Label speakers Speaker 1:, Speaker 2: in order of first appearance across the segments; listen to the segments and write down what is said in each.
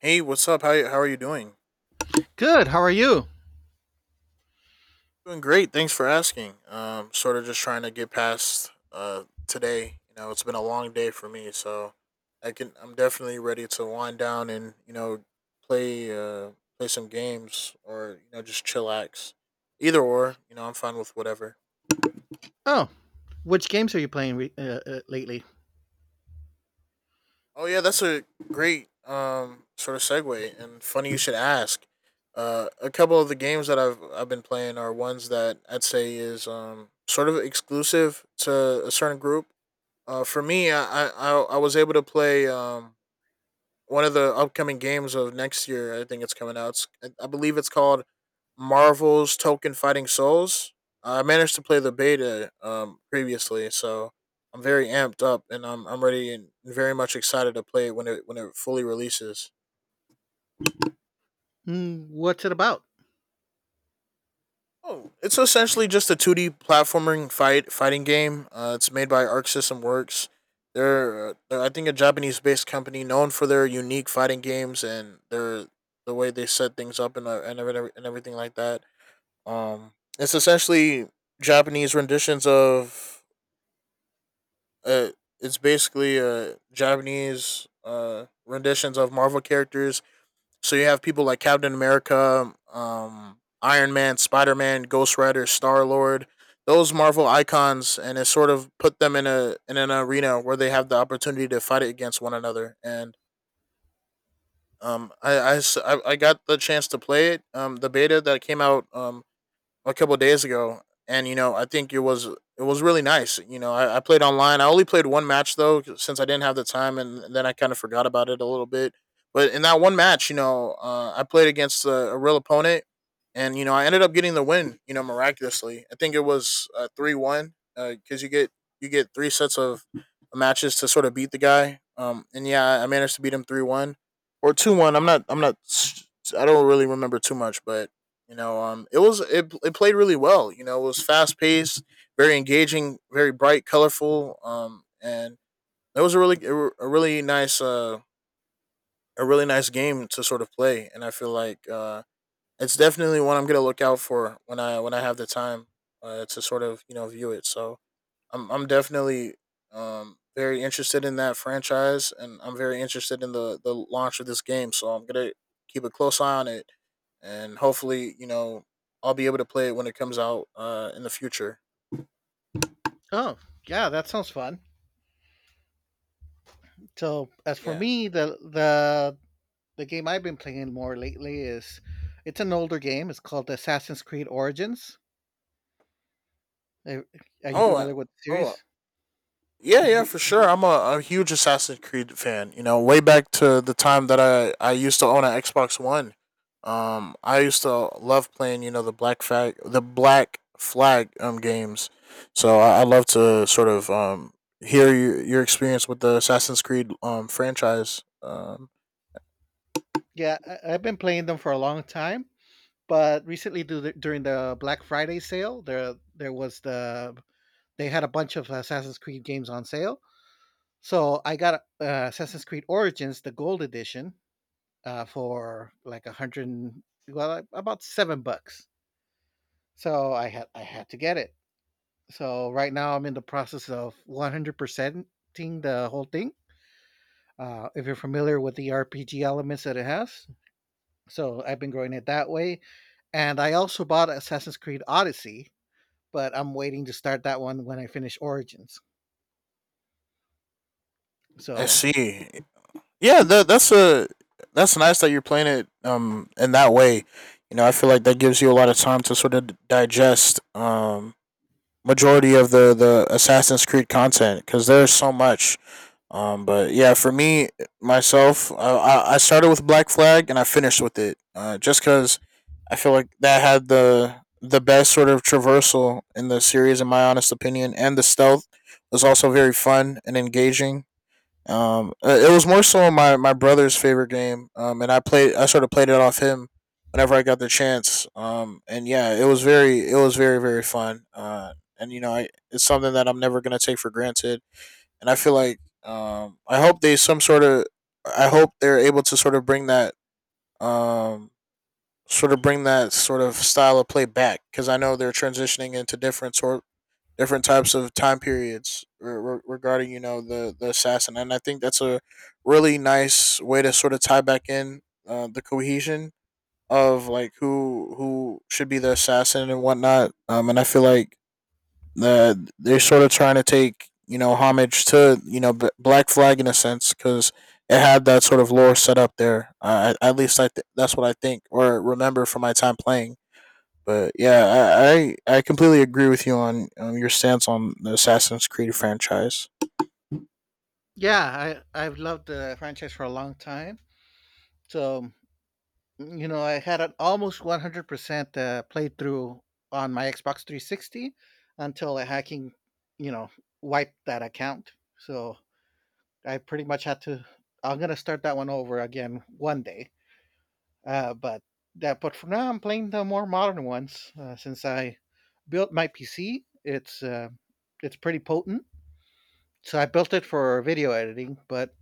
Speaker 1: Hey, what's up? How are you doing?
Speaker 2: Good. How are you?
Speaker 1: Doing great. Thanks for asking. Sort of just trying to get past today. You know, it's been a long day for me, so I'm definitely ready to wind down and, you know, play uh play some games, or, you know, just chillax. Either or, you know, I'm fine with whatever.
Speaker 2: Oh, which games are you playing lately?
Speaker 1: Oh yeah, that's a great sort of segue, and funny you should ask. A couple of the games that I've been playing are ones that I'd say is sort of exclusive to a certain group. For me, I was able to play one of the upcoming games of next year. I think it's coming out. I believe it's called Marvel's Token Fighting Souls. I managed to play the beta previously, so I'm very amped up, and I'm ready and very much excited to play it when it fully releases.
Speaker 2: Mm, what's it about?
Speaker 1: Oh, it's essentially just a 2D platforming fighting game. It's made by Arc System Works. They're I think a Japanese based company, known for their unique fighting games and the way they set things up and and everything like that. Um, it's essentially Japanese renditions of Uh, Japanese renditions of Marvel characters. So you have people like Captain America, Iron Man, Spider Man, Ghost Rider, Star Lord. Those Marvel icons, and it sort of put them in a in an arena where they have the opportunity to fight it against one another. And um, I I got the chance to play it. The beta that came out a couple of days ago, and you know, I think it was really nice. You know, I played online. I only played one match though, since I didn't have the time, and then I kind of forgot about it a little bit. But in that one match, you know, I played against a real opponent, and you know, I ended up getting the win. You know, miraculously, I think it was 3-1, because you get three sets of matches to sort of beat the guy. And yeah, I managed to beat him 3-1 or 2-1. I don't really remember too much, but you know, it was it played really well. You know, it was fast paced, very engaging, very bright, colorful. And it was a really nice game to sort of play. And I feel like it's definitely one I'm gonna look out for when I have the time to sort of, you know, view it. So I'm definitely very interested in that franchise, and I'm very interested in the launch of this game. So I'm gonna keep a close eye on it, and hopefully, you know, I'll be able to play it when it comes out in the future.
Speaker 2: Oh, yeah, that sounds fun. So, as for
Speaker 1: Yeah.
Speaker 2: me, the game I've been playing more lately is it's an older game. It's called Assassin's Creed Origins. Are are you
Speaker 1: Oh. I-
Speaker 2: familiar with the
Speaker 1: Oh,
Speaker 2: series?
Speaker 1: yeah, yeah, for sure. I'm a huge Assassin's Creed fan. You know, way back to the time that I used to own an Xbox One. I used to love playing, you know, the Black Flag games. So I love to sort of hear your experience with the Assassin's Creed franchise.
Speaker 2: Yeah, I've been playing them for a long time, but recently during the Black Friday sale, there was the they had a bunch of Assassin's Creed games on sale. So I got Assassin's Creed Origins, the Gold Edition, for like a hundred, and- well, like, about $7. So I had to get it. So right now I'm in the process of 100 percenting the whole thing. If you're familiar with the RPG elements that it has, so I've been growing it that way. And I also bought Assassin's Creed Odyssey, but I'm waiting to start that one when I finish Origins.
Speaker 1: I
Speaker 2: So
Speaker 1: see. Yeah, that's nice that you're playing it in that way. You know, I feel like that gives you a lot of time to sort of digest majority of the Assassin's Creed content, because there's so much. But yeah, for me myself, I started with Black Flag and I finished with it. Just because I feel like that had the best sort of traversal in the series, in my honest opinion, and the stealth was also very fun and engaging. It was more so my brother's favorite game. And I sort of played it off him whenever I got the chance. And yeah, it was very fun. And you know, it's something that I'm never gonna take for granted. And I feel like I hope they're able to sort of bring that um sort of bring that sort of style of play back, because I know they're transitioning into different types of time periods regarding, you know, the assassin, and I think that's a really nice way to sort of tie back in the cohesion of like who should be the assassin and whatnot. And I feel like they're sort of trying to take, you know, homage to, you know, Black Flag in a sense, because it had that sort of lore set up there. At least that's what I think or remember from my time playing. But yeah, I completely agree with you on your stance on the Assassin's Creed franchise.
Speaker 2: yeah, I've loved the franchise for a long time. So mm, you know, I had an almost 100% playthrough on my Xbox 360 until a hacking, you know, wiped that account. So I pretty much had to. I'm gonna start that one over again one day. Uh, but but for now, I'm playing the more modern ones since I built my PC. It's pretty potent. So I built it for video editing, but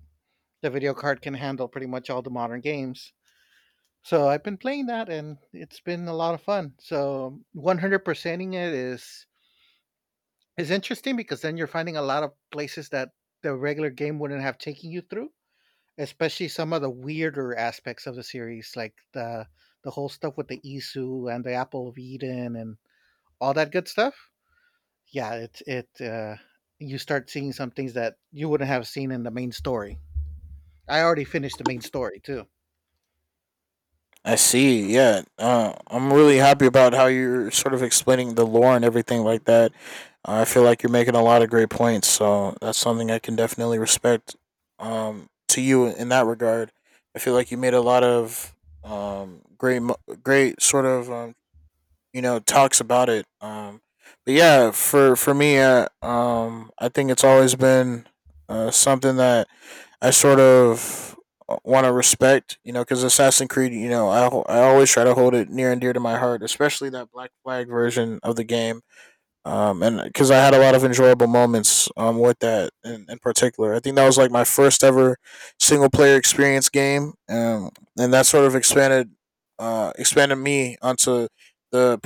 Speaker 2: the video card can handle pretty much all the modern games. So I've been playing that and it's been a lot of fun. So 100%ing it is interesting because then you're finding a lot of places that the regular game wouldn't have taken you through, especially some of the weirder aspects of the series like the whole stuff with the Isu and the Apple of Eden and all that good stuff. Yeah, it you start seeing some things that you wouldn't have seen in the main story. I already finished the main story too.
Speaker 1: I see. Yeah, I'm really happy about how you're sort of explaining the lore and everything like that. I feel like you're making a lot of great points, so that's something I can definitely respect to you in that regard. I feel like you made a lot of um, great, mo- great sort of you know, talks about it. But yeah, for me, I think it's always been something that I sort of want to respect, you know, because Assassin's Creed, you know, I always try to hold it near and dear to my heart, especially that Black Flag version of the game, and because I had a lot of enjoyable moments with that in particular. I think that was like my first ever single player experience game, and that sort of expanded me onto the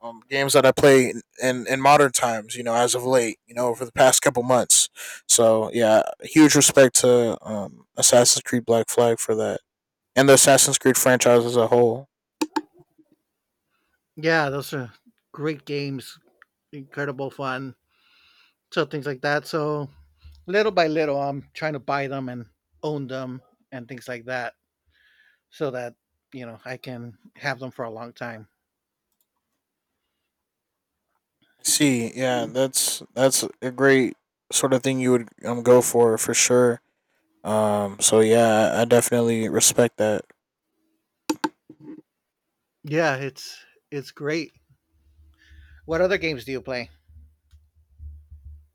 Speaker 1: um, games that I play in modern times. You know, as of late, you know, over the past couple months. So yeah, huge respect to Assassin's Creed Black Flag for that, and the Assassin's Creed franchise as a whole.
Speaker 2: Yeah, those are great games, incredible fun so things like that. So little by little, I'm trying to buy them and own them and things like that, so that you know I can have them for a long time.
Speaker 1: See, yeah, that's a great sort of thing you would go for sure. So yeah, I definitely respect that.
Speaker 2: Yeah, it's great. What other games do you play?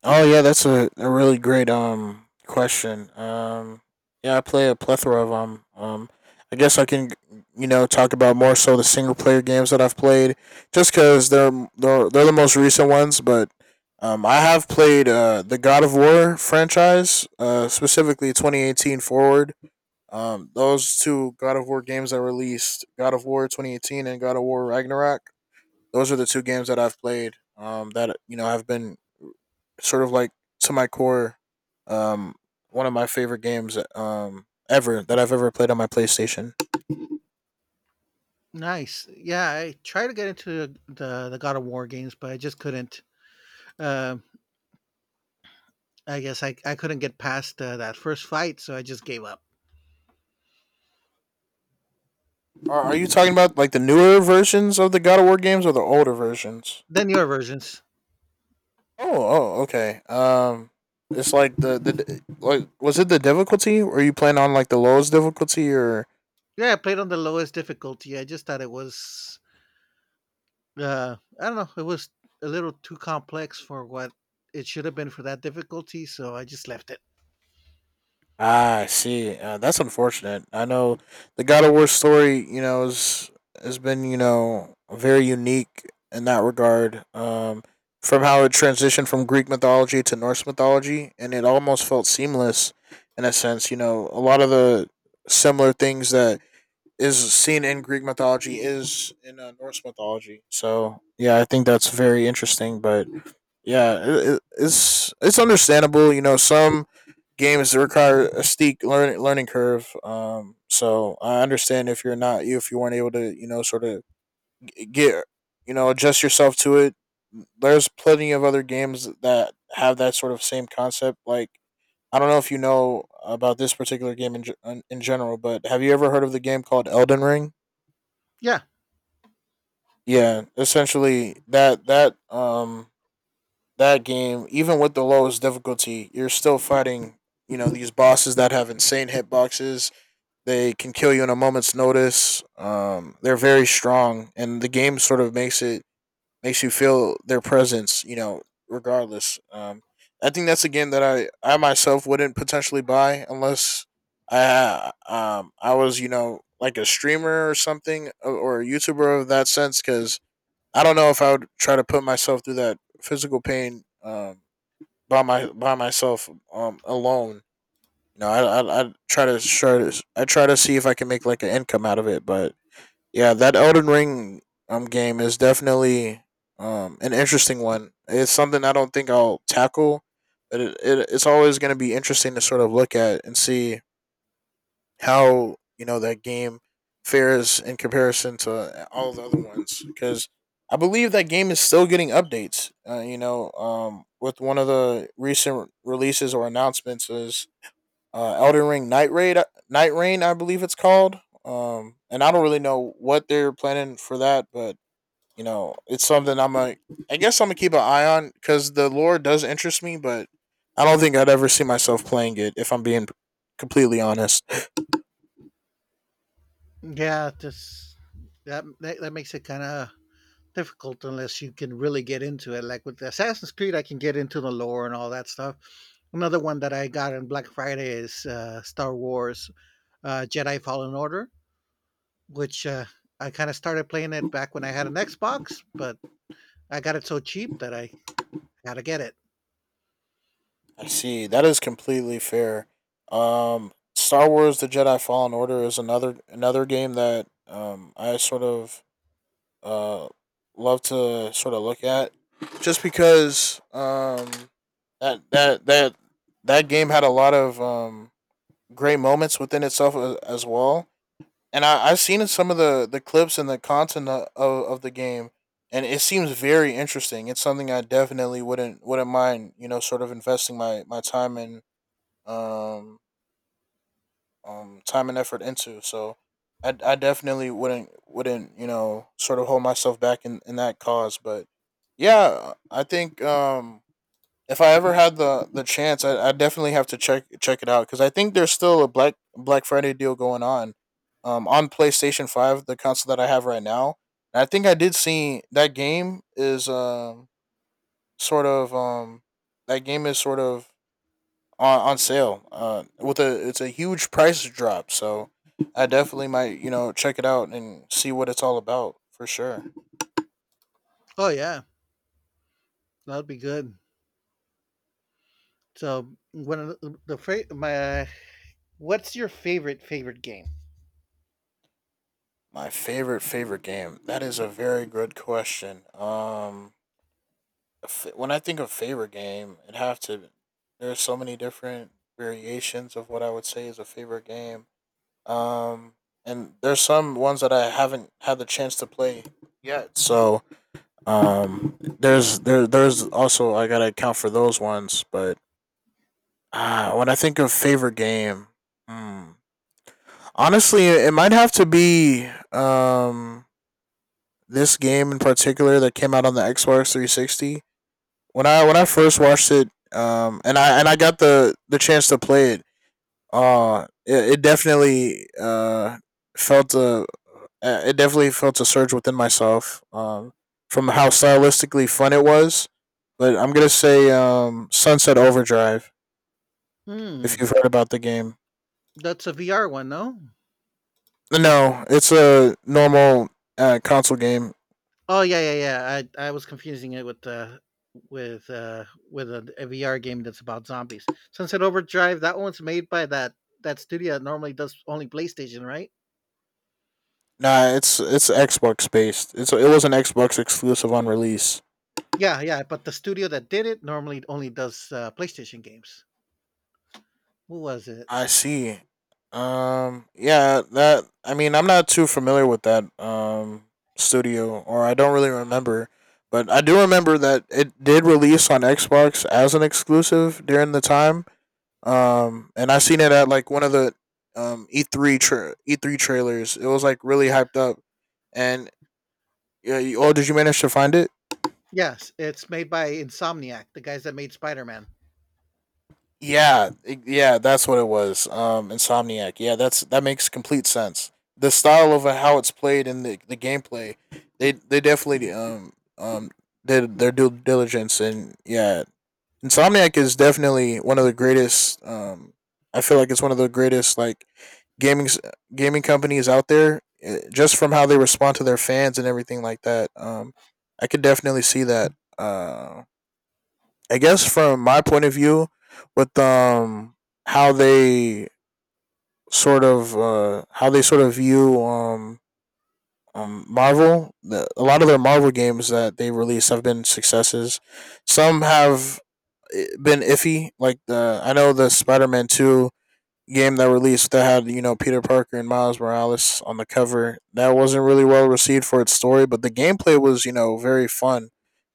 Speaker 1: Oh yeah, that's a really great question. Yeah, I play a plethora of I guess I can, you know, talk about more so the single player games that I've played, just because they're the most recent ones, but. I have played the God of War franchise, specifically 2018 forward. Those two God of War games that released, God of War 2018 and God of War Ragnarok, those are the two games that I've played. That, you know, have been sort of like to my core, um, one of my favorite games ever that I've ever played on my PlayStation.
Speaker 2: Nice. Yeah, I tried to get into the God of War games, but I just couldn't. Uh, I guess I couldn't get past that first fight, so I just gave up.
Speaker 1: Are you talking about like the newer versions of the God of War games or the older versions?
Speaker 2: Then your versions.
Speaker 1: Oh, oh, okay. It's like the like, was it the difficulty? Were you playing on like the lowest difficulty, or
Speaker 2: Yeah, I played on the lowest difficulty. I just thought it was uh, I don't know. It was a little too complex for what it should have been for that difficulty, so I just left it.
Speaker 1: ah, I see. That's unfortunate. I know the God of War story, you know, is has been, you know, very unique in that regard. From how it transitioned from Greek mythology to Norse mythology, and it almost felt seamless in a sense. You know, a lot of the similar things that is seen in Greek mythology is in Norse mythology. So yeah, I think that's very interesting. But yeah, it's understandable. You know, some games require a steep learning curve. So I understand if you're not you if you weren't able to, you know, sort of get you know, adjust yourself to it. There's plenty of other games that have that sort of same concept. Like, I don't know if you know about this particular game in general, but have you ever heard of the game called Elden Ring?
Speaker 2: Yeah,
Speaker 1: Yeah, essentially that that game, even with the lowest difficulty, you're still fighting, you know, these bosses that have insane hitboxes. They can kill you in a moment's notice. They're very strong, and the game sort of makes you feel their presence. You know, regardless. I think that's a game that I myself wouldn't potentially buy unless I I was like a streamer or something or a YouTuber of that sense because I don't know if I would try to put myself through that physical pain by my by myself alone, you know, I try to I try to see if I can make like an income out of it. But yeah, that Elden Ring game is definitely an interesting one. It's something I don't think I'll tackle, but it's always going to be interesting to sort of look at and see how, you know, that game fares in comparison to all the other ones because I believe that game is still getting updates. You know, with one of the recent releases or announcements is Elden Ring Night Raid, Night Rain, I believe it's called. And I don't really know what they're planning for that, but, you know, it's something I guess I'm gonna keep an eye on because the lore does interest me, but I don't think I'd ever see myself playing it if I'm being completely honest.
Speaker 2: yeah. This that makes it kind of difficult unless you can really get into it. Like with Assassin's Creed, I can get into the lore and all that stuff. Another one that I got on Black Friday is Star Wars Jedi Fallen Order, which I kind of started playing it back when I had an Xbox, but I got it so cheap that I had to get it.
Speaker 1: I see, that is completely fair. Star Wars: The Jedi Fallen Order is another game that I sort of uh love to sort of look at, just because that that that that game had a lot of great moments within itself as well. And I've seen in some of the clips and the content of the game, and it seems very interesting. It's something I definitely wouldn't mind, you know, sort of investing my time in um time and effort into. So I definitely wouldn't you know sort of hold myself back in that cause. But yeah, I think if I ever had the chance, I definitely have to check it out because I think there's still a Black Friday deal going on. On PlayStation Five, the console that I have right now, and I think I did see that game is sort of um that game is sort of on sale. With a it's a huge price drop, so I definitely might, you know, check it out and see what it's all about for sure.
Speaker 2: Oh yeah, that'd be good. So one of the fra- my what's your favorite game?
Speaker 1: My favorite game. That is a very good question. When I think of favorite game, it have to. There's so many different variations of what I would say is a favorite game. Um, and there's some ones that I haven't had the chance to play yet. So there's also I gotta account for those ones, but, ah, when I think of favorite game, hmm. honestly, it might have to be this game in particular that came out on the Xbox 360. When I first watched it, and I got the chance to play it, it definitely felt a it definitely felt a surge within myself, from how stylistically fun it was. But I'm gonna say Sunset Overdrive, if
Speaker 2: Hmm,
Speaker 1: you've heard about the game.
Speaker 2: that's a VR one, no?
Speaker 1: No, it's a normal console game.
Speaker 2: Oh yeah, yeah, yeah. I was confusing it with with uh with a, VR game that's about zombies. Sunset Overdrive. That one's made by that studio that normally does only PlayStation, right?
Speaker 1: Nah, it's Xbox based. It's it was an Xbox exclusive on release.
Speaker 2: Yeah, yeah. But the studio that did it normally only does PlayStation games. Who was it?
Speaker 1: I see. Yeah, that I mean, I'm not too familiar with that studio, or I don't really remember. But I do remember that it did release on Xbox as an exclusive during the time. And I seen it at like one of the E3 trailers. It was like really
Speaker 2: Yeah.
Speaker 1: hyped up, and yeah. Oh, did you manage to find it?
Speaker 2: Yes, it's made by Insomniac, the guys that made Spider Man.
Speaker 1: Yeah. Yeah, that's what it was. Insomniac. Yeah, that's that makes complete sense. The style of how it's played and the gameplay, they definitely um did their due diligence and yeah, Insomniac is definitely one of the greatest. I feel like it's one of the greatest like gaming s- gaming companies out there. Just from how they respond to their fans and everything like that. I could definitely see that. Uh I guess from my point of view, with how they how they sort of view Marvel, a lot of their Marvel games that they release have been successes. Some have been iffy, like the I know the Spider Man Two game that released that had, you know, Peter Parker and Miles Morales on the cover. That wasn't really well received for its story, but the gameplay was, you know, very fun,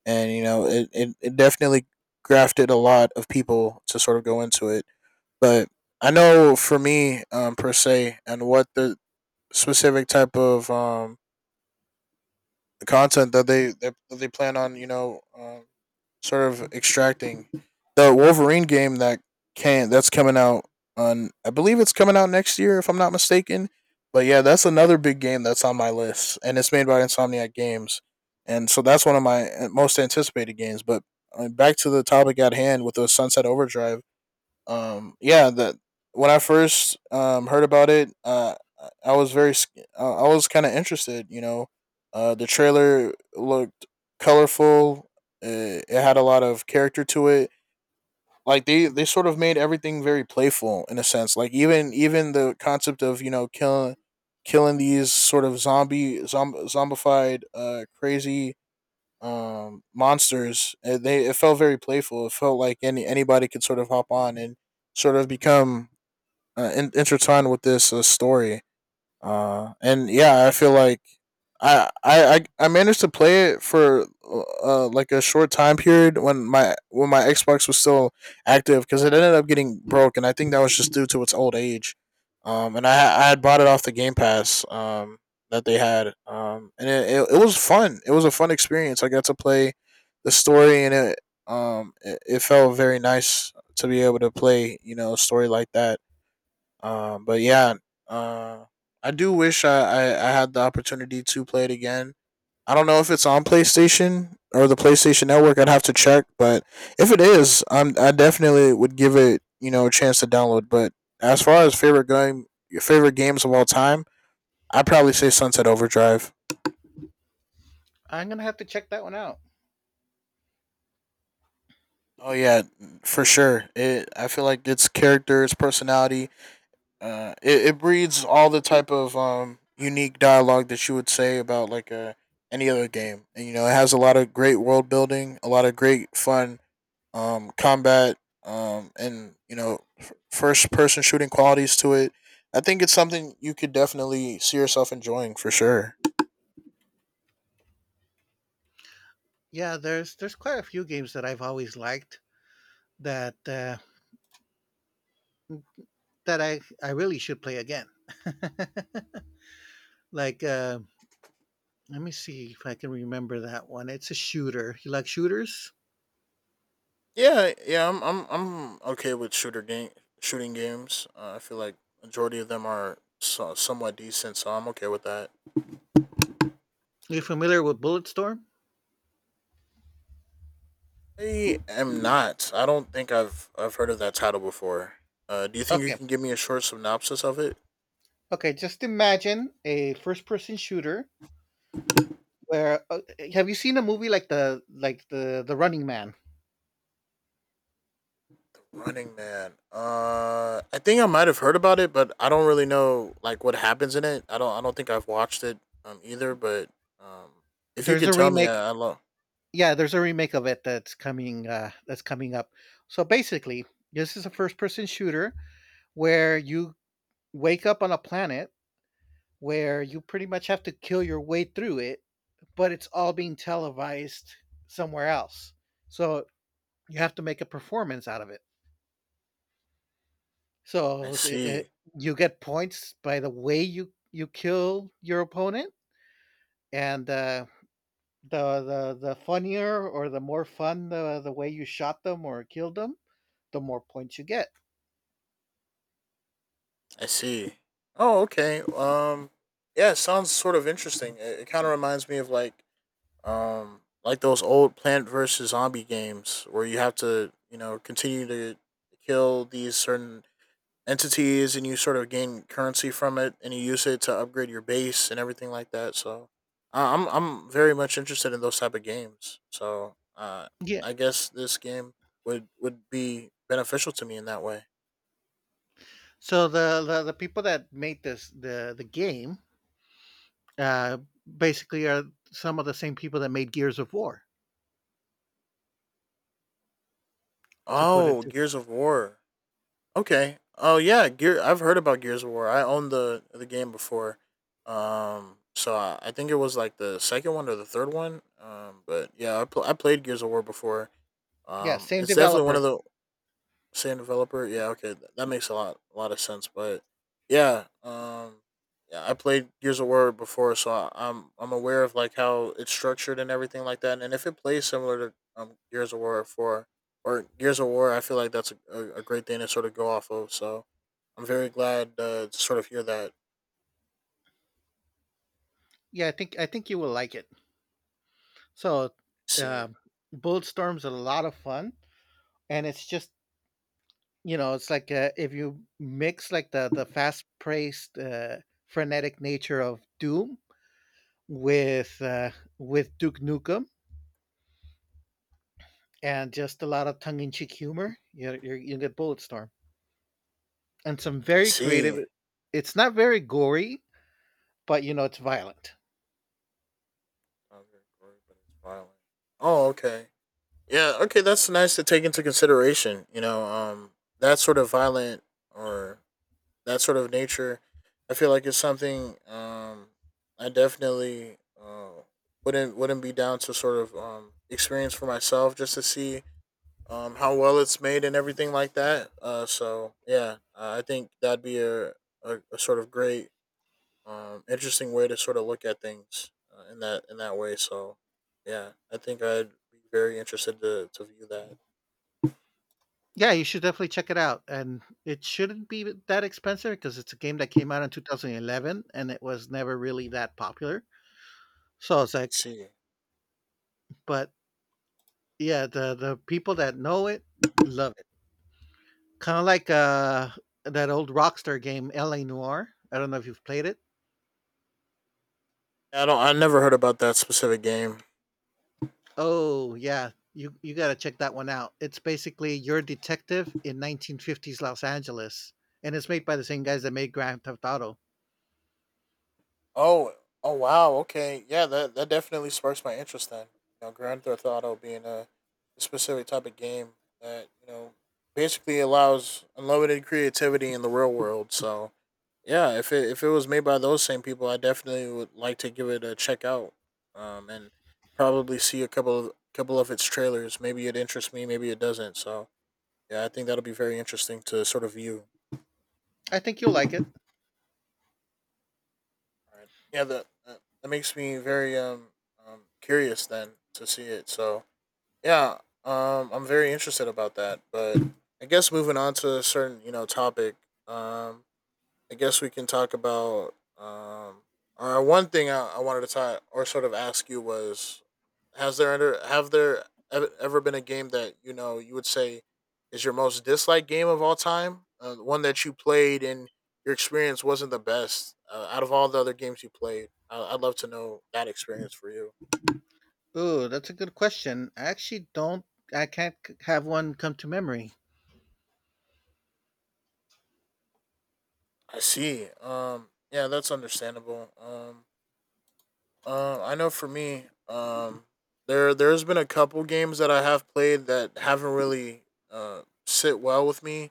Speaker 1: and you know it definitely grafted a lot of people to sort of go into it. But I know for me per se, and what the specific type of content they plan on you know sort of extracting, the Wolverine game that's coming out on I believe it's coming out next year if I'm not mistaken. But yeah, that's another big game that's on my list, and it's made by Insomniac Games, and so that's one of my most anticipated games. But back to the topic at hand with the Sunset Overdrive, yeah, that when I first heard about it I was very I was kind of interested, you know, the trailer looked colorful. It had a lot of character to it, like they sort of made everything very playful in a sense, like even the concept of, you know, killing these sort of zombified crazy monsters. It felt very playful. It felt like anybody could sort of hop on and sort of become in, intertwined with this story. And yeah, I feel like I managed to play it for like a short time period when my Xbox was still active because it ended up getting broke, and I think that was just due to its old age. And I had bought it off the Game Pass that they had, and it was fun. It was a fun experience. I got to play the story, and it felt very nice to be able to play, you know, a story like that. But yeah, uh, I do wish I had the opportunity to play it again. I don't know if it's on PlayStation or the PlayStation Network. I'd have to check, but if it is, I'm I definitely would give it, you know, a chance to download. But as far as favorite game, your favorite games of all time, I'd probably say Sunset Overdrive.
Speaker 2: I'm gonna have to check that one out.
Speaker 1: Oh yeah, for sure. It I feel like its character, its personality, it breeds all the type of unique dialogue that you would say about like a any other game, and you know it has a lot of great world building, a lot of great fun combat, and you know first person shooting qualities to it. I think it's something you could definitely see yourself enjoying for sure.
Speaker 2: Yeah, there's quite a few games that I've always liked that that I really should play again. Like, let me see if I can remember that one. It's a shooter. You like shooters?
Speaker 1: Yeah, yeah, I'm okay with shooter game shooting games. I feel like majority of them are somewhat decent, so I'm okay with that.
Speaker 2: You familiar with Bulletstorm?
Speaker 1: I am not. I don't think I've heard of that title before. Do you think you
Speaker 2: Okay,
Speaker 1: can give me a short synopsis of it?
Speaker 2: okay. Just imagine a first-person shooter where have you seen a movie like the Running Man?
Speaker 1: Running Man. I think I might have heard about it, but I don't really know like what happens in it. I don't think I've watched it either. But um, if you
Speaker 2: There's
Speaker 1: can
Speaker 2: a
Speaker 1: tell me,
Speaker 2: remake.
Speaker 1: I love.
Speaker 2: Yeah, there's a remake of it that's coming up. So basically, this is a first-person shooter where you wake up on a planet where you pretty much have to kill your way through it, but it's all being televised somewhere else. So you have to make a performance out of it.
Speaker 1: I
Speaker 2: So
Speaker 1: see.
Speaker 2: you get points by the way you kill your opponent, and the funnier or the more fun the way you shot them or killed them, the more points you get.
Speaker 1: I see. Oh, okay. Yeah, it sounds sort of interesting. It kind of reminds me of like, like those old Plant versus Zombie games where you have to, you know, continue to kill these certain entities, and you sort of gain currency from it and you use it to upgrade your base and everything like that. So I'm very much interested in those type of games. So
Speaker 2: Yeah.
Speaker 1: I guess this game would be beneficial to me in that way.
Speaker 2: So the people that made this the game uh, basically, are some of the same people that made Gears of War. To put it,
Speaker 1: Oh,
Speaker 2: to,
Speaker 1: Gears of War. Okay. Oh yeah, Gear. I've heard about Gears of War. I owned the game before. So I think it was like the second one or the third one. But yeah, I played Gears of War before.
Speaker 2: yeah, same
Speaker 1: It's definitely one
Speaker 2: developer.
Speaker 1: of the same developer. Yeah, okay, that makes a lot of sense. But yeah, yeah, I played Gears of War before, so I'm aware of like how it's structured and everything like that. And if it plays similar to Gears of War four or Gears of War, I feel like that's a great thing to sort of go off of. So I'm very glad to sort of hear that.
Speaker 2: Yeah, I think you will like it. So,
Speaker 1: See,
Speaker 2: um, Bulletstorm's a lot of fun, and it's just you know, it's like if you mix like the fast paced, frenetic nature of Doom with uh, with Duke Nukem and just a lot of tongue in cheek humor, you get Bulletstorm and some
Speaker 1: I
Speaker 2: very creative.
Speaker 1: see.
Speaker 2: It's not very gory, but you know, it's violent.
Speaker 1: Not very gory, but it's violent. Oh, okay. Yeah, okay. That's nice to take into consideration. That sort of violent or that sort of nature, I feel like it's something I definitely wouldn't be down to sort of experience for myself just to see how well it's made and everything like that. So I think that'd be a sort of great, interesting way to sort of look at things in that way. So yeah, I think I'd be very interested to view that.
Speaker 2: Yeah, you should definitely check it out, and it shouldn't be that expensive because it's a game that came out in 2011 and it was never really that popular. So it's
Speaker 1: Let's
Speaker 2: like,
Speaker 1: see.
Speaker 2: but yeah, the people that know it love it. Kind of like that old Rockstar game, L.A. Noir. I don't know if you've played it.
Speaker 1: I don't. I never heard about that specific game.
Speaker 2: Oh yeah, you gotta check that one out. It's basically your detective in 1950s Los Angeles, and it's made by the same guys that made Grand Theft Auto.
Speaker 1: Oh, oh wow. Okay, yeah. That definitely sparks my interest. Then Grand Theft Auto being a specific type of game that basically allows unlimited creativity in the real world. So yeah, if it was made by those same people, I definitely would like to give it a check out. And Probably see a couple of its trailers. Maybe it interests me. Maybe it doesn't. So yeah, I think that'll be very interesting to sort of view.
Speaker 2: I think you'll like it.
Speaker 1: All right. Yeah, that makes me very curious then to see it. So yeah, I'm very interested about that. But I guess moving on to a certain topic. Um, I guess we can talk about or one thing I wanted to talk or sort of ask you was has there under have there ever been a game that you know you would say is your most disliked game of all time, one that you played and your experience wasn't the best, out of all the other games you played. I'd love to know that experience for you.
Speaker 2: Oh, that's a good question. I actually don't. I can't c- Have one come to memory.
Speaker 1: I see. Yeah, that's understandable. I know for me, there's been a couple games that I have played that haven't really sit well with me,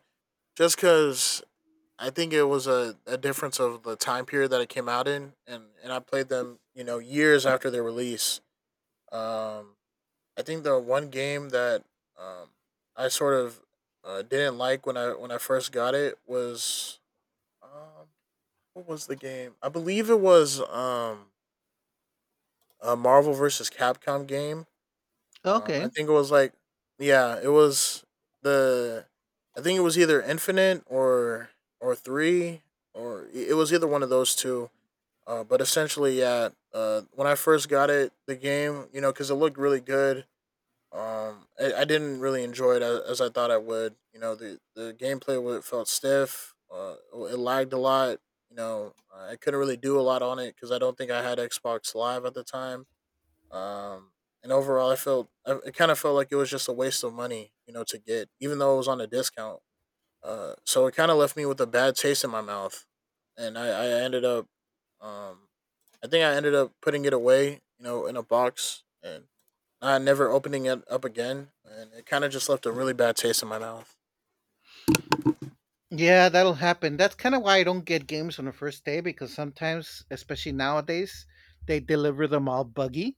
Speaker 1: just because I think it was a difference of the time period that it came out in, and I played them, you know, years after their release. Um, I think the one game that um, I sort of didn't like when I first got it was, um, what was the game? I believe it was, a Marvel versus Capcom game. I
Speaker 2: Okay.
Speaker 1: think it was like, yeah, it was the, I think it was either Infinite or three, or it was either one of those two. But essentially, when I first got it, the game, you know, because it looked really good. I didn't really enjoy it as I thought I would. You know, the gameplay felt stiff. It lagged a lot. You know, I couldn't really do a lot on it because I don't think I had Xbox Live at the time, um, and overall, I felt it kind of felt like it was just a waste of money, you know, to get, even though it was on a discount. So it kind of left me with a bad taste in my mouth, and I ended up, um, I think I ended up putting it away, you know, in a box and not never opening it up again, and it kind of just left a really bad taste in my mouth.
Speaker 2: Yeah, that'll happen. That's kind of why I don't get games on the first day because sometimes, especially nowadays, they deliver them all buggy,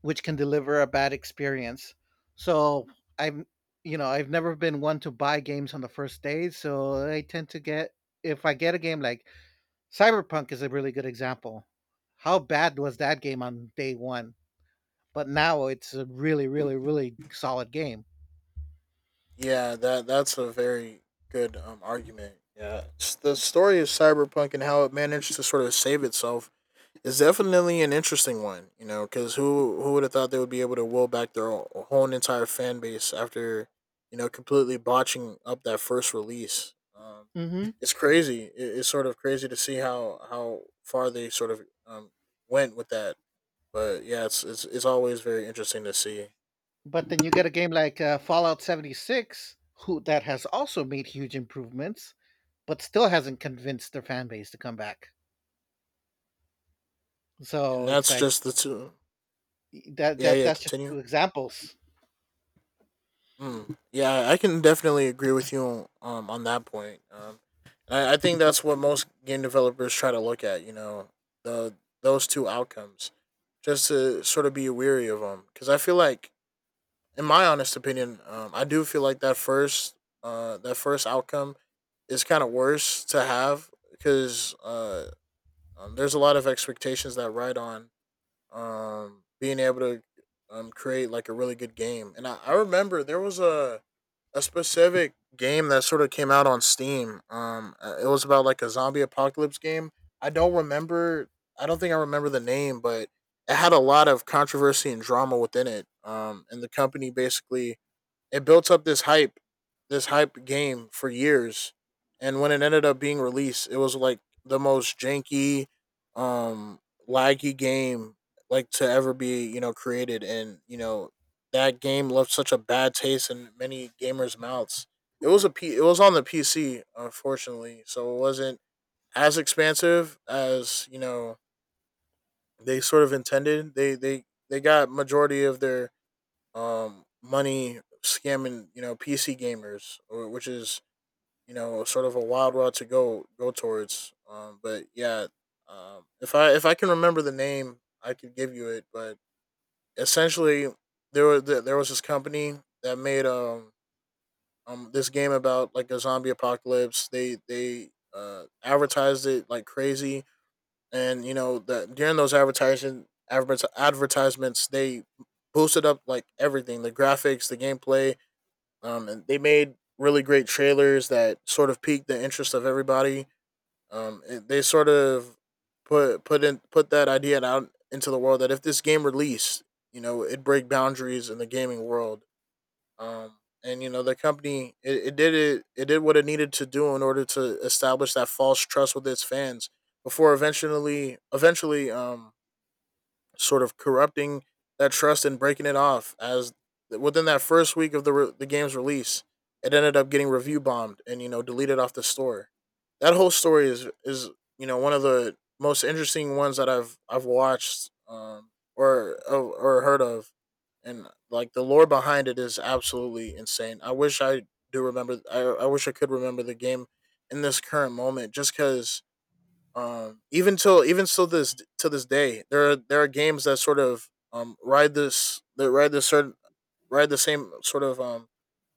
Speaker 2: which can deliver a bad experience. So I'm, you know, I've never been one to buy games on the first day. So I tend to get, if I get a game like Cyberpunk is a really good example. How bad was that game on day one? But now it's a really, really, really solid game.
Speaker 1: Yeah, that's a very good, argument. Yeah, the story of Cyberpunk and how it managed to sort of save itself. It's definitely an interesting one, you know, because who would have thought they would be able to will back their whole entire fan base after, you know, completely botching up that first release?
Speaker 2: Hmm.
Speaker 1: It's crazy. It's sort of crazy to see how far they sort of went with that. But yeah, it's always very interesting to see,
Speaker 2: But then you get a game like Fallout 76, who that has also made huge improvements, but still hasn't convinced their fan base to come back.
Speaker 1: and
Speaker 2: So it's
Speaker 1: that's
Speaker 2: like
Speaker 1: just the two.
Speaker 2: e, that.
Speaker 1: Yeah,
Speaker 2: That
Speaker 1: yeah.
Speaker 2: that's just two
Speaker 1: Continue.
Speaker 2: examples.
Speaker 1: Mm, yeah, I can definitely agree with you on that point. I think that's what most game developers try to look at. You know, the those two outcomes, just to sort of be weary of them. Because I feel like, in my honest opinion, I do feel like that first outcome is kind of worse to have because, there's a lot of expectations that ride on being able to create like a really good game. And I remember there was a specific game that sort of came out on Steam. It was about like a zombie apocalypse game. I don't remember I don't think I remember the name, but it had a lot of controversy and drama within it. And the company basically, it built up this hype game for years, and when it ended up being released, it was like the most janky, um, laggy game like to ever be, you know, created, and you know that game left such a bad taste in many gamers' mouths. It was a it was on the PC, unfortunately, so it wasn't as expansive as you know they sort of intended. They got majority of their, money scamming, you know, PC gamers, which is, you know, sort of a wild route to go towards. But yeah, if I can remember the name, I could give you it. But essentially, there were there there was this company that made this game about like a zombie apocalypse. They advertised it like crazy, and you know that during those advertisements they boosted up like everything, the graphics, the gameplay, and they made really great trailers that sort of piqued the interest of everybody. They sort of put that idea out into the world that if this game released, you know, it'd break boundaries in the gaming world. Um, and you know, the company, it did it it did what it needed to do in order to establish that false trust with its fans before eventually sort of corrupting that trust and breaking it off as within that first week of the the game's release, it ended up getting review bombed and, you know, deleted off the store. That whole story is, you know, one of the most interesting ones that I've watched, or heard of. And like the lore behind it is absolutely insane. I wish I wish I could remember the game in this current moment just because, even till even so this to this day, there are, games that sort of ride this that ride this certain, ride the same sort of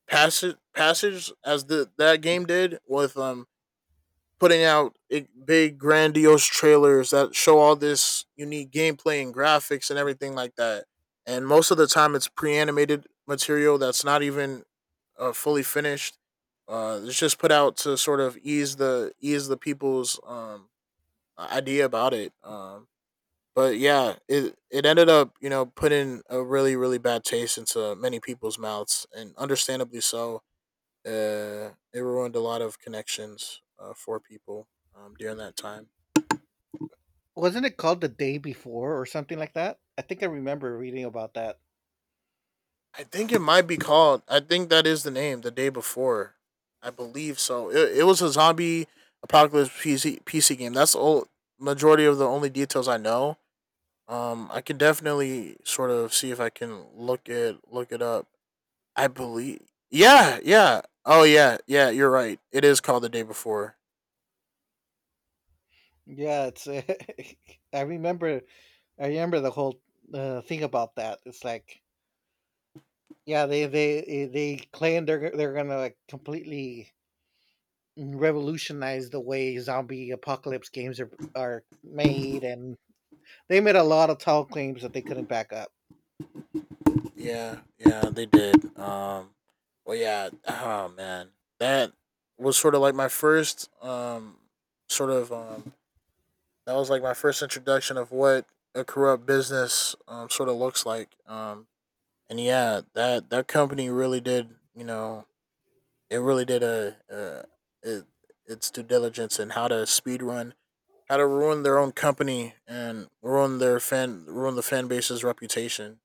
Speaker 1: passage as the that game did, with putting out big grandiose trailers that show all this unique gameplay and graphics and everything like that. And most of the time, it's pre-animated material that's not even fully finished. It's just put out to sort of ease the people's idea about it. But yeah, it ended up, you know, putting a really really bad taste into many people's mouths, and understandably so. It ruined a lot of connections, for people during that time.
Speaker 2: Wasn't it called The Day Before or something like that? I think I remember reading about that.
Speaker 1: I think it might be called, I think that is the name, The Day Before, I believe so. It was a zombie apocalypse PC game. That's all, majority of the only details I know. I can definitely sort of see if I can look it up, I believe. Yeah, yeah. Oh yeah, yeah. You're right. It is called The Day Before.
Speaker 2: Yeah, it's I remember I remember the whole thing about that. It's like yeah, they claim they're going to like completely revolutionize the way zombie apocalypse games are made and they made a lot of tall claims that they couldn't back up.
Speaker 1: Yeah, yeah. They did. Well, yeah. Oh man, that was sort of like my first. Sort of. That was like my first introduction of what a corrupt business sort of looks like. And yeah, that that company really did. You know, it really did it, its due diligence and how to speed run how to ruin their own company and ruin their fan ruin the fan base's reputation.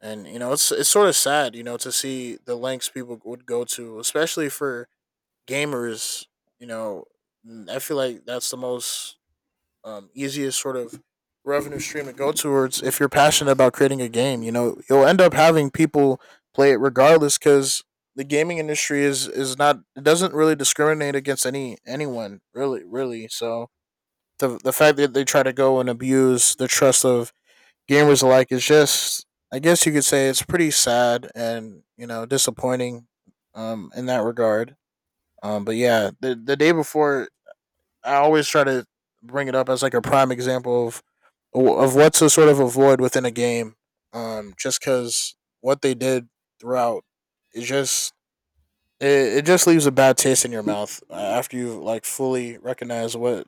Speaker 1: And you know, it's sort of sad, you know, to see the lengths people would go to, especially for gamers. You know, I feel like that's the most, easiest sort of revenue stream to go towards if you're passionate about creating a game. You know, you'll end up having people play it regardless because the gaming industry is, not, it doesn't really discriminate against anyone, really. So the fact that they try to go and abuse the trust of gamers alike is just, I guess you could say it's pretty sad and, you know, disappointing in that regard. But yeah, the day before I always try to bring it up as like a prime example of what to sort of avoid within a game just cuz what they did throughout is just it just leaves a bad taste in your mouth after you like fully recognize what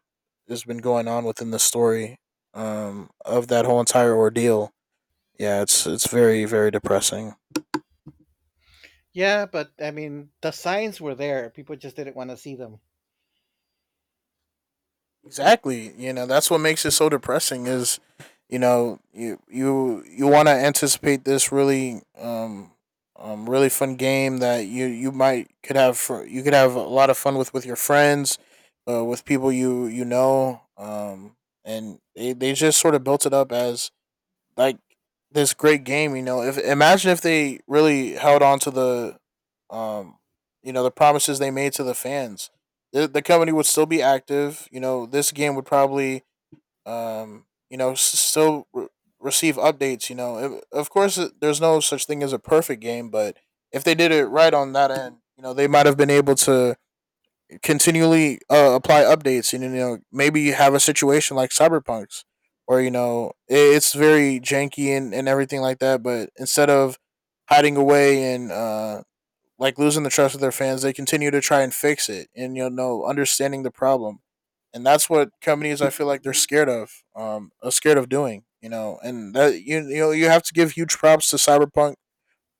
Speaker 1: has been going on within the story of that whole entire ordeal. Yeah, it's very very depressing.
Speaker 2: Yeah, but I mean, the signs were there. People just didn't want to see them.
Speaker 1: Exactly. You know, that's what makes it so depressing is, you know, you want to anticipate this really really fun game that you might could have for, you could have a lot of fun with your friends, with people you know, and they just sort of built it up as like this great game. You know, if imagine if they really held on to um, you know, the promises they made to the fans, the company would still be active. You know, this game would probably, you know, still receive updates. You know, of course, there's no such thing as a perfect game, but if they did it right on that end, you know, they might have been able to continually apply updates, and you know, maybe you have a situation like Cyberpunk's or you know it's very janky and everything like that, but instead of hiding away and like losing the trust of their fans, they continue to try and fix it and you know understanding the problem. And that's what companies I feel like they're scared of, are scared of doing, you know. And you know, you have to give huge props to Cyberpunk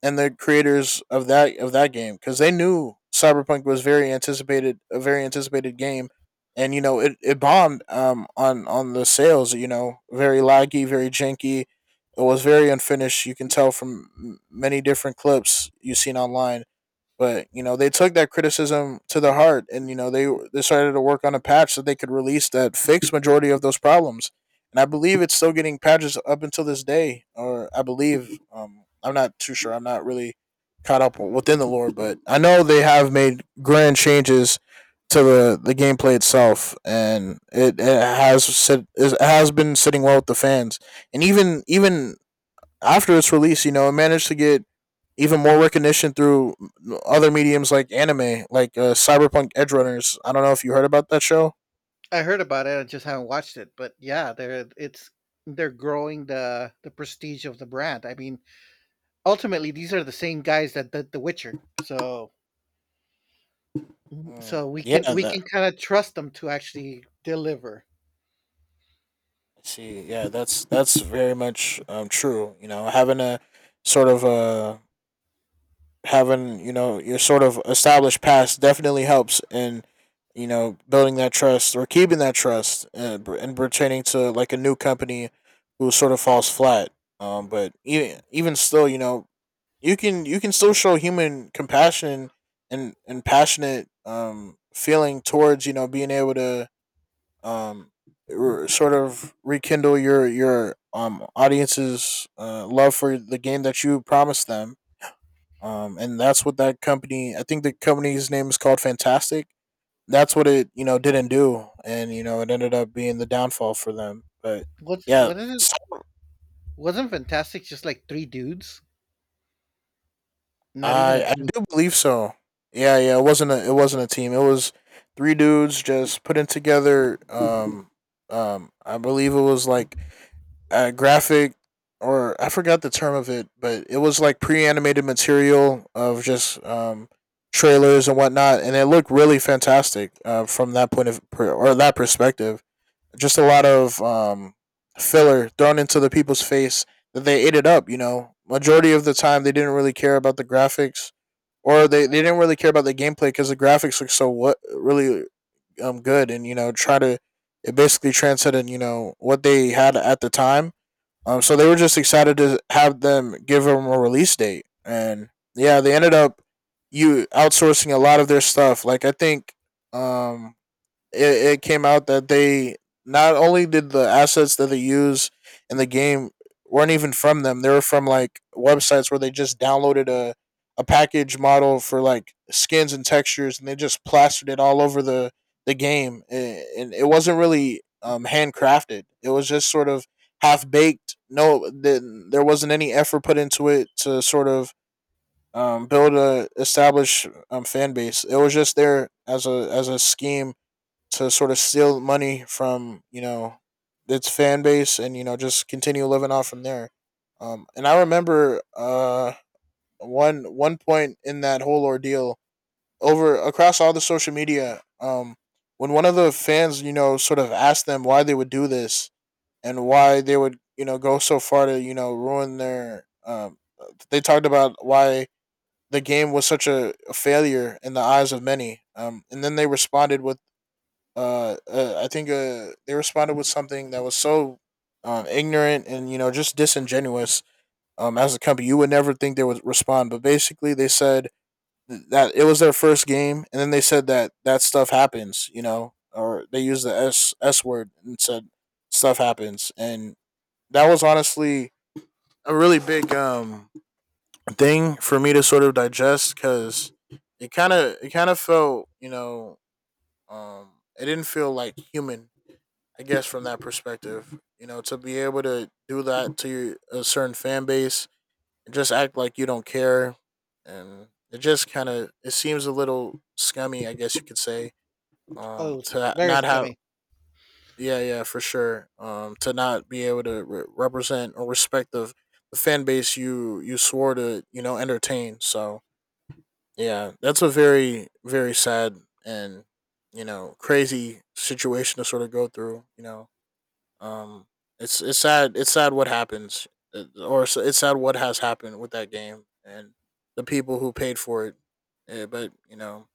Speaker 1: and the creators of that game, because they knew Cyberpunk was very anticipated a very anticipated game, and you know it bombed on the sales. You know, very laggy, very janky. It was very unfinished. You can tell from many different clips you've seen online. But you know they took that criticism to the heart, and you know they started to work on a patch so they could release that fixed majority of those problems. And I believe it's still getting patches up until this day, or I believe I'm not too sure. I'm not really caught up within the lore, but I know they have made grand changes to the gameplay itself, and it has been sitting well with the fans, and even after its release, you know, it managed to get even more recognition through other mediums like anime, like Cyberpunk Edge Runners. I don't know if you heard about that show.
Speaker 2: I heard about it. I just haven't watched it, but yeah, they're it's they're growing the prestige of the brand. I mean, ultimately, these are the same guys that did The Witcher, so
Speaker 1: Mm.
Speaker 2: so we
Speaker 1: Yeah,
Speaker 2: can
Speaker 1: that.
Speaker 2: kind of trust them to actually deliver.
Speaker 1: See, yeah, that's very much true. You know, having a sort of having you know your sort of established past definitely helps in you know building that trust or keeping that trust, and, and pertaining to like a new company who sort of falls flat. But even still, you know, you can still show human compassion and passionate feeling towards you know being able to um sort of rekindle your audience's love for the game that you promised them, and that's what that company, I think the company's name is called Fantastic, that's what it you know didn't do, and you know it ended up being the downfall for them. But yeah,
Speaker 2: What is it?
Speaker 1: so
Speaker 2: Wasn't Fantastic just like three dudes? Not even a
Speaker 1: I
Speaker 2: team.
Speaker 1: do believe so. Yeah, yeah, it wasn't a, it wasn't a team, it was three dudes just putting together I believe it was like graphic or I forgot the term of it, but it was like pre-animated material of just trailers and whatnot, and it looked really fantastic from that point of or that perspective. Just a lot of filler thrown into the people's face that they ate it up. You know, majority of the time they didn't really care about the graphics, or they didn't really care about the gameplay because the graphics looked so what really good, and you know try to it basically transcended you know what they had at the time, so they were just excited to have them give them a release date, and yeah, they ended up you outsourcing a lot of their stuff. Like I think um, it came out that they not only did the assets that they use in the game weren't even from them, they were from like websites where they just downloaded a package model for like skins and textures, and they just plastered it all over the game. And it wasn't really handcrafted, it was just sort of half baked. No, then there wasn't any effort put into it to sort of build a established fan base. It was just there as a scheme to sort of steal money from you know its fan base, and you know just continue living off from there. And I remember one point in that whole ordeal over across all the social media, when one of the fans you know sort of asked them why they would do this, and why they would you know go so far to you know ruin their they talked about why the game was such a failure in the eyes of many, and then they responded with I think they responded with something that was so ignorant and you know just disingenuous. As a company, you would never think they would respond, but basically they said that it was their first game, and then they said that that stuff happens, you know, or they used the s s word and said stuff happens. And that was honestly a really big thing for me to sort of digest because it kind of felt you know um it didn't feel like human, I guess, from that perspective, you know, to be able to do that to a certain fan base and just act like you don't care. And it just it seems a little scummy, I guess you could say,
Speaker 2: Oh, it was
Speaker 1: to
Speaker 2: very
Speaker 1: not have,
Speaker 2: scummy.
Speaker 1: yeah, yeah, for sure, to not be able to represent or respect the fan base you swore to you know entertain. So yeah, that's a very very sad and you know crazy situation to sort of go through. You know, um, it's sad. It's sad what happens, it's sad what has happened with that game and the people who paid for it. Eh, but you know,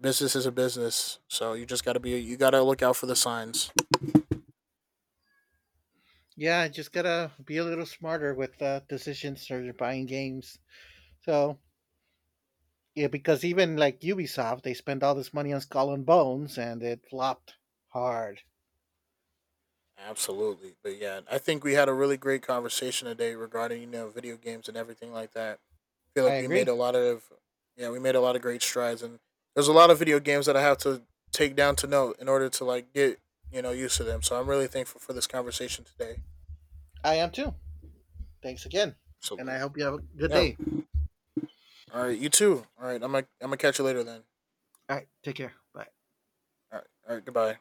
Speaker 1: business is a business, so you just gotta be. You gotta look out for the signs.
Speaker 2: Yeah, just gotta be a little smarter with decisions or buying games. So yeah, because even like Ubisoft, they spent all this money on Skull and Bones and it flopped hard.
Speaker 1: Absolutely, but yeah, I think we had a really great conversation today regarding you know video games and everything like that. I feel
Speaker 2: I
Speaker 1: like we made
Speaker 2: agree.
Speaker 1: a lot of, yeah, we made a lot of great strides, and there's a lot of video games that I have to take down to note in order to like get you know used to them. So I'm really thankful for this conversation today.
Speaker 2: I am too. Thanks again. And
Speaker 1: Absolutely.
Speaker 2: I hope you have a good
Speaker 1: Yeah.
Speaker 2: day.
Speaker 1: All right. You too. All right. I'm gonna catch you later then.
Speaker 2: All right. Take care. Bye.
Speaker 1: All right. All right. Goodbye.